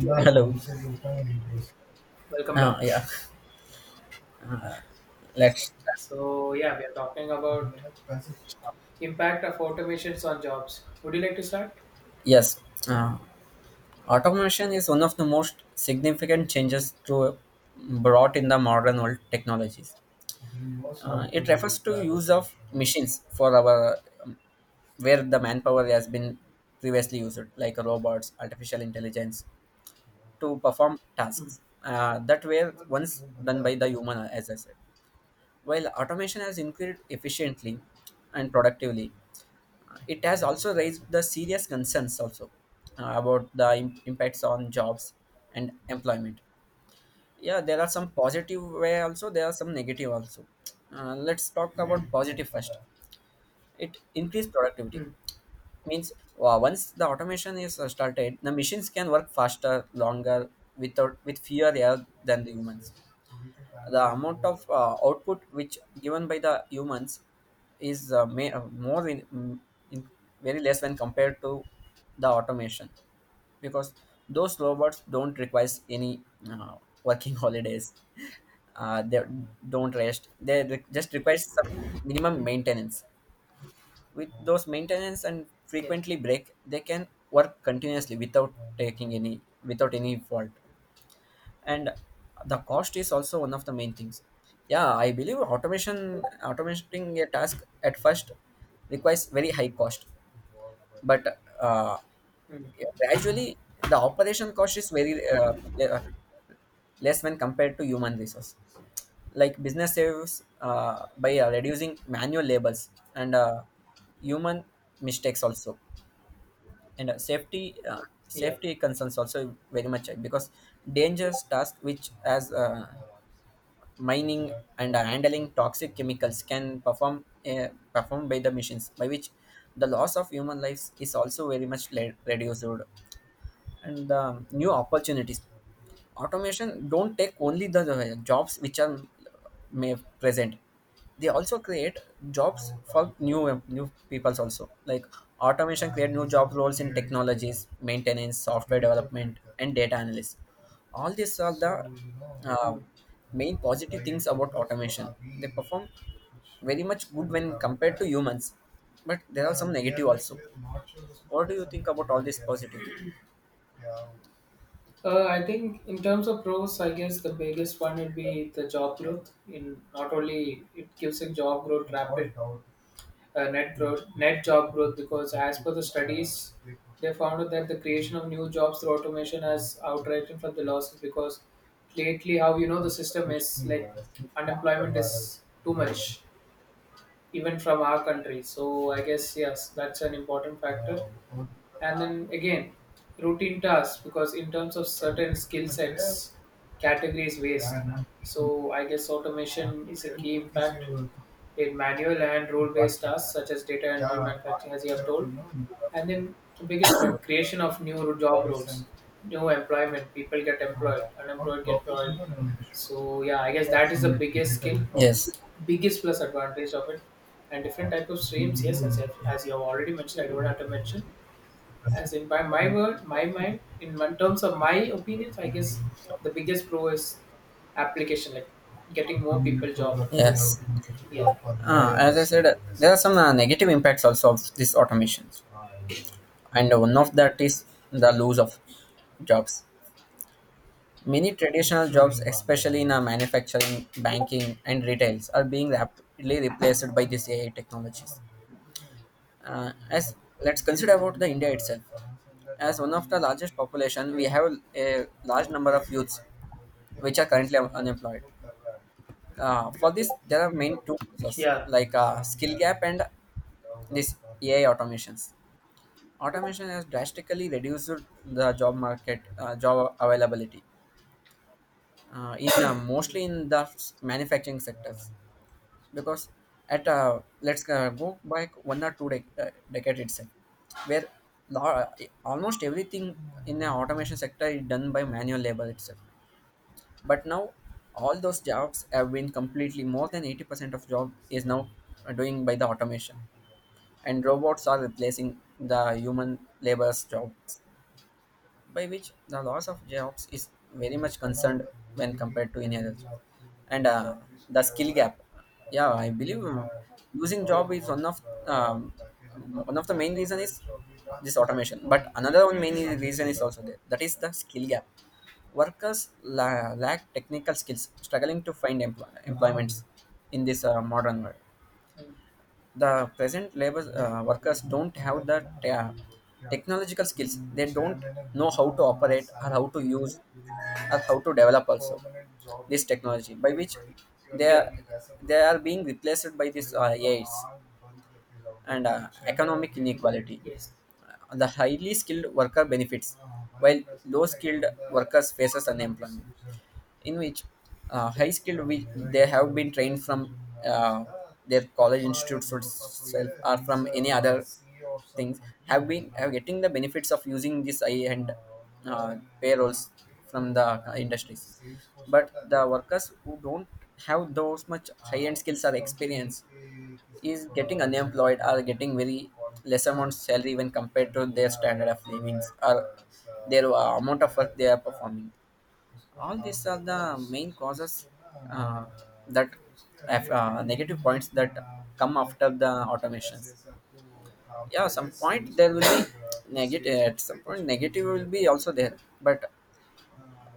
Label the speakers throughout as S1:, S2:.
S1: Yeah, welcome back.
S2: Yeah. Let's.
S1: So yeah, we are talking about impact of automations on jobs. Would you like to start?
S2: Yes. Uh, Automation is one of the most significant changes to brought in the modern world technologies. It refers to use of machines for our where the manpower has been previously used, like robots, artificial intelligence, to perform
S1: Mm.
S2: tasks that were once done by the human, as I said. While automation has increased efficiently and productively, it has also raised the serious concerns also about the impacts on jobs and employment. Yeah, there are some positive way also. There are some negative also. Let's talk about positive first. It increased productivity
S1: Mm.
S2: means, once the automation is started the machines can work faster longer without with fewer error than the humans. The amount of output which given by the humans is more in, in very less when compared to the automation, because those robots don't require any uh, working holidays. They don't rest, they just require some minimum maintenance. With those maintenance and
S1: Yeah.
S2: frequently break they can work continuously without taking any, without any fault. And the cost is also one of the main things. Yeah, I believe automation automating a task at first requires very high cost, but
S1: Mm.
S2: gradually the operation cost is very less when compared to human resource. Like business saves by reducing manual labors and human mistakes also. And safety,
S1: Yeah.
S2: safety concerns also very much, because dangerous task which as mining and handling toxic chemicals can perform, performed by the machines, by which the loss of human lives is also very much reduced. And new opportunities. Automation don't take only the jobs which are may present, they also create jobs for new new peoples also. Like, automation create new job roles in technologies maintenance, software development and data analysis. All these are the uh,
S1: Mm.
S2: main positive things about automation. They perform very much good when compared to humans, but there are some negative also. What do you think about all these positives?
S1: I think in terms of pros, I guess the biggest one would be the job growth. In not only it gives a job growth rapid net growth, net job growth, because as per the studies, they found out that the creation of new jobs through automation has outrighted from the losses because lately how the system is like unemployment is too much even from our country. So I guess yes, that's an important factor. And then again, routine tasks because in terms of certain skill sets, categories waste. So I guess automation is a key impact in manual and rule-based tasks such as data entry, manufacturing, as you have told. And then the biggest one, creation of new job roles, new employment. People get employed, unemployed get employed. So yeah, I guess that is the biggest skill,
S2: Yes.
S1: biggest plus advantage of it. And different type of streams, yes, as you have already mentioned, I don't have to mention. As in by my word, my mind, terms of my opinions, I guess the biggest pro is application, like getting more people job.
S2: Yes. Yes.
S1: Yeah.
S2: As I said, there are some negative impacts also of this automation, and one of that is the loss of jobs. Many traditional
S1: Mm,
S2: jobs, especially in manufacturing, banking, and retails, are being rapidly replaced by these AI technologies. As Let's consider
S1: mm,
S2: about the India itself. As one of the largest population, we have a large number of youths which are currently unemployed. For this, there are main two causes
S1: yeah.
S2: like skill gap and this AI automations. Automation has drastically reduced the job market, job availability in,
S1: Mm.
S2: mostly in the manufacturing sectors, because at, let's go back one or two decade itself, where la- almost everything in the automation sector is done by manual labor itself. But now all those jobs have been completely, more than 80% of job is now doing by the automation, and robots are replacing the human labor's jobs, by which the loss of jobs is very much concerned when compared to any other job. And the skill gap, yeah, I believe losing
S1: Yeah.
S2: job is one of, um, one of the main reason is this automation. But another one main reason is also there. That is the skill gap. Workers lack technical skills, struggling to find employments in this modern world.
S1: Mm.
S2: The present labor workers don't have the uh, technological skills, they don't know how to operate or how to use or how to develop also this technology, by which they are
S1: Yeah.
S2: they are being replaced by this ais. And economic inequality,
S1: Yes.
S2: the highly skilled worker benefits while low skilled workers faces unemployment, in which high skilled, we, they have been trained from uh, their college institutes itself or from any other things, have getting the benefits of using this AI and payrolls from the industries. But the workers who don't have those much high end skills or experience is getting unemployed or getting very less amount salary when compared to their standard of livings, or their amount of work they are performing. All these are the main causes uh, that have, negative points that come after the automations. Yeah, some point there will be negative, at some point negative will be also there, but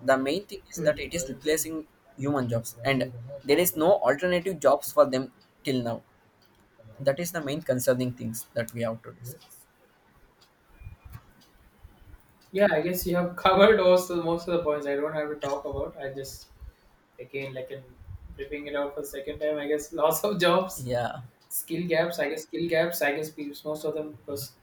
S2: the main thing is that it
S1: Mm.
S2: is replacing human jobs and there is no alternative jobs for them till now. That is the main concerning things that we have to discuss.
S1: Yeah, I guess you have covered also most of the points I don't have to talk about. I just again like in ripping it out for the second time. I guess loss of jobs,
S2: Yeah,
S1: skill gaps. I guess skill gaps. I guess peeps, most of them because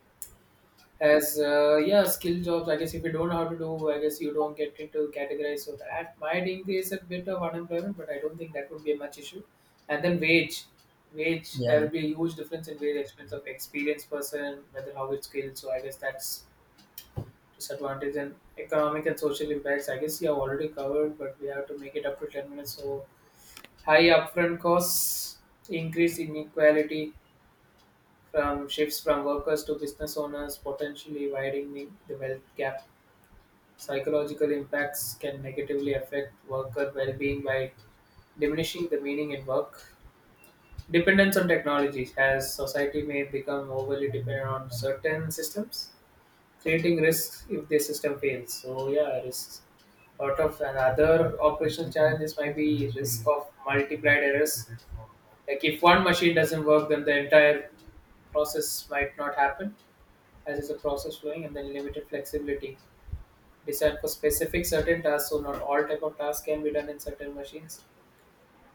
S1: as yeah skill jobs. I guess if you don't know how to do, I guess you don't get into categorized. So that might increase a bit of unemployment, but I don't think that would be a much issue. And then wage. Wage, there
S2: yeah.
S1: will be a huge difference in wage expense of experienced person, whether how it's skilled. So I guess that's disadvantage and economic and social impacts. I guess you have already covered, but we have to make it up to 10 minutes. So, high upfront costs, increased inequality from shifts from workers to business owners, potentially widening the wealth gap. Psychological impacts can negatively affect worker well being by diminishing the meaning in work. Dependence on technologies, as society may become overly dependent on certain systems, creating risks if the system fails. So, yeah, risks out of another operational challenges might be risk of multiplied errors. Like if one machine doesn't work, then the entire process might not happen as it's a process flowing and then limited flexibility. Designed for specific certain tasks, so not all type of tasks can be done in certain machines.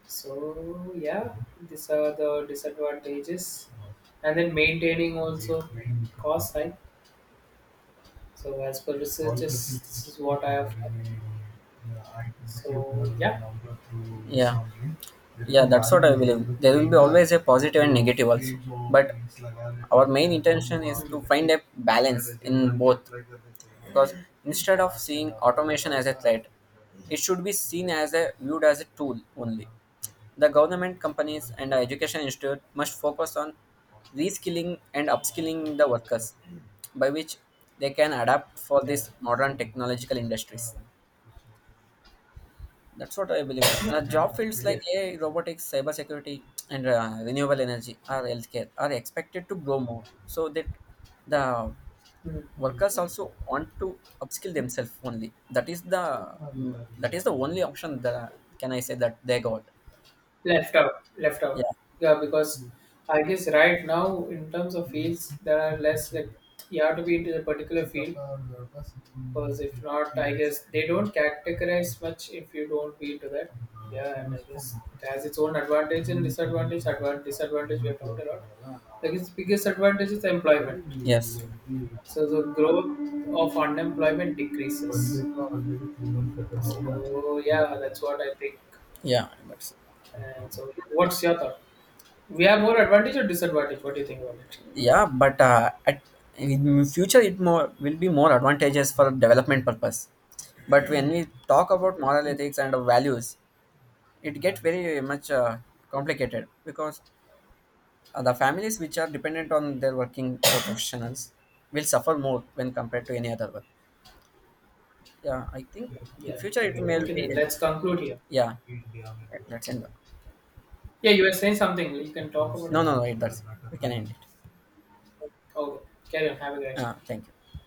S1: So yeah, these are the disadvantages. And then maintaining also cost side. So as per researchers, this is what I have. So yeah.
S2: Yeah, yeah, that's what I believe. There will be always a positive and negative also, but our main intention is
S1: Mm.
S2: to find a balance in both, because instead of seeing automation as a threat, it should be seen as a viewed as a tool only. The government, companies, and education institute must focus on reskilling and upskilling the workers, by which they can adapt for
S1: Yeah,
S2: these modern technological industries. That's what I believe. Now, job fields
S1: yeah.
S2: like AI, robotics, cybersecurity, and renewable energy or healthcare are expected to grow more, so that the
S1: Mm.
S2: workers also want to upskill themselves only. That is the only option that, can I say, that they got.
S1: Left out, left
S2: Yeah.
S1: out. Yeah, because I guess right now in terms of fields there are less, like you have to be into the particular field, because if not I guess they don't categorize much if you don't be into that. Yeah, and I guess it has its own advantage and disadvantage. Advan Disadvantage we have talked a lot, like its biggest advantage is employment,
S2: Yes.
S1: so the growth of unemployment decreases. So yeah, that's what I think.
S2: Yeah. But,
S1: And so what's your thought, we have more advantage or disadvantage, what do you think about it?
S2: yeah, but in future it more will be more advantageous for development purpose. But when we talk about moral ethics and values, it gets very much complicated, because the families which are dependent on their working professionals will suffer more when compared to any other work. Yeah, I think in
S1: Yeah.
S2: future it may
S1: Okay, then
S2: be.
S1: let's conclude here.
S2: Yeah, let's end.
S1: Yeah, you were saying something. You can talk about
S2: No,
S1: it. And...
S2: no, no. It does. We can end it.
S1: Okay, carry on. Have a great time.
S2: Thank you.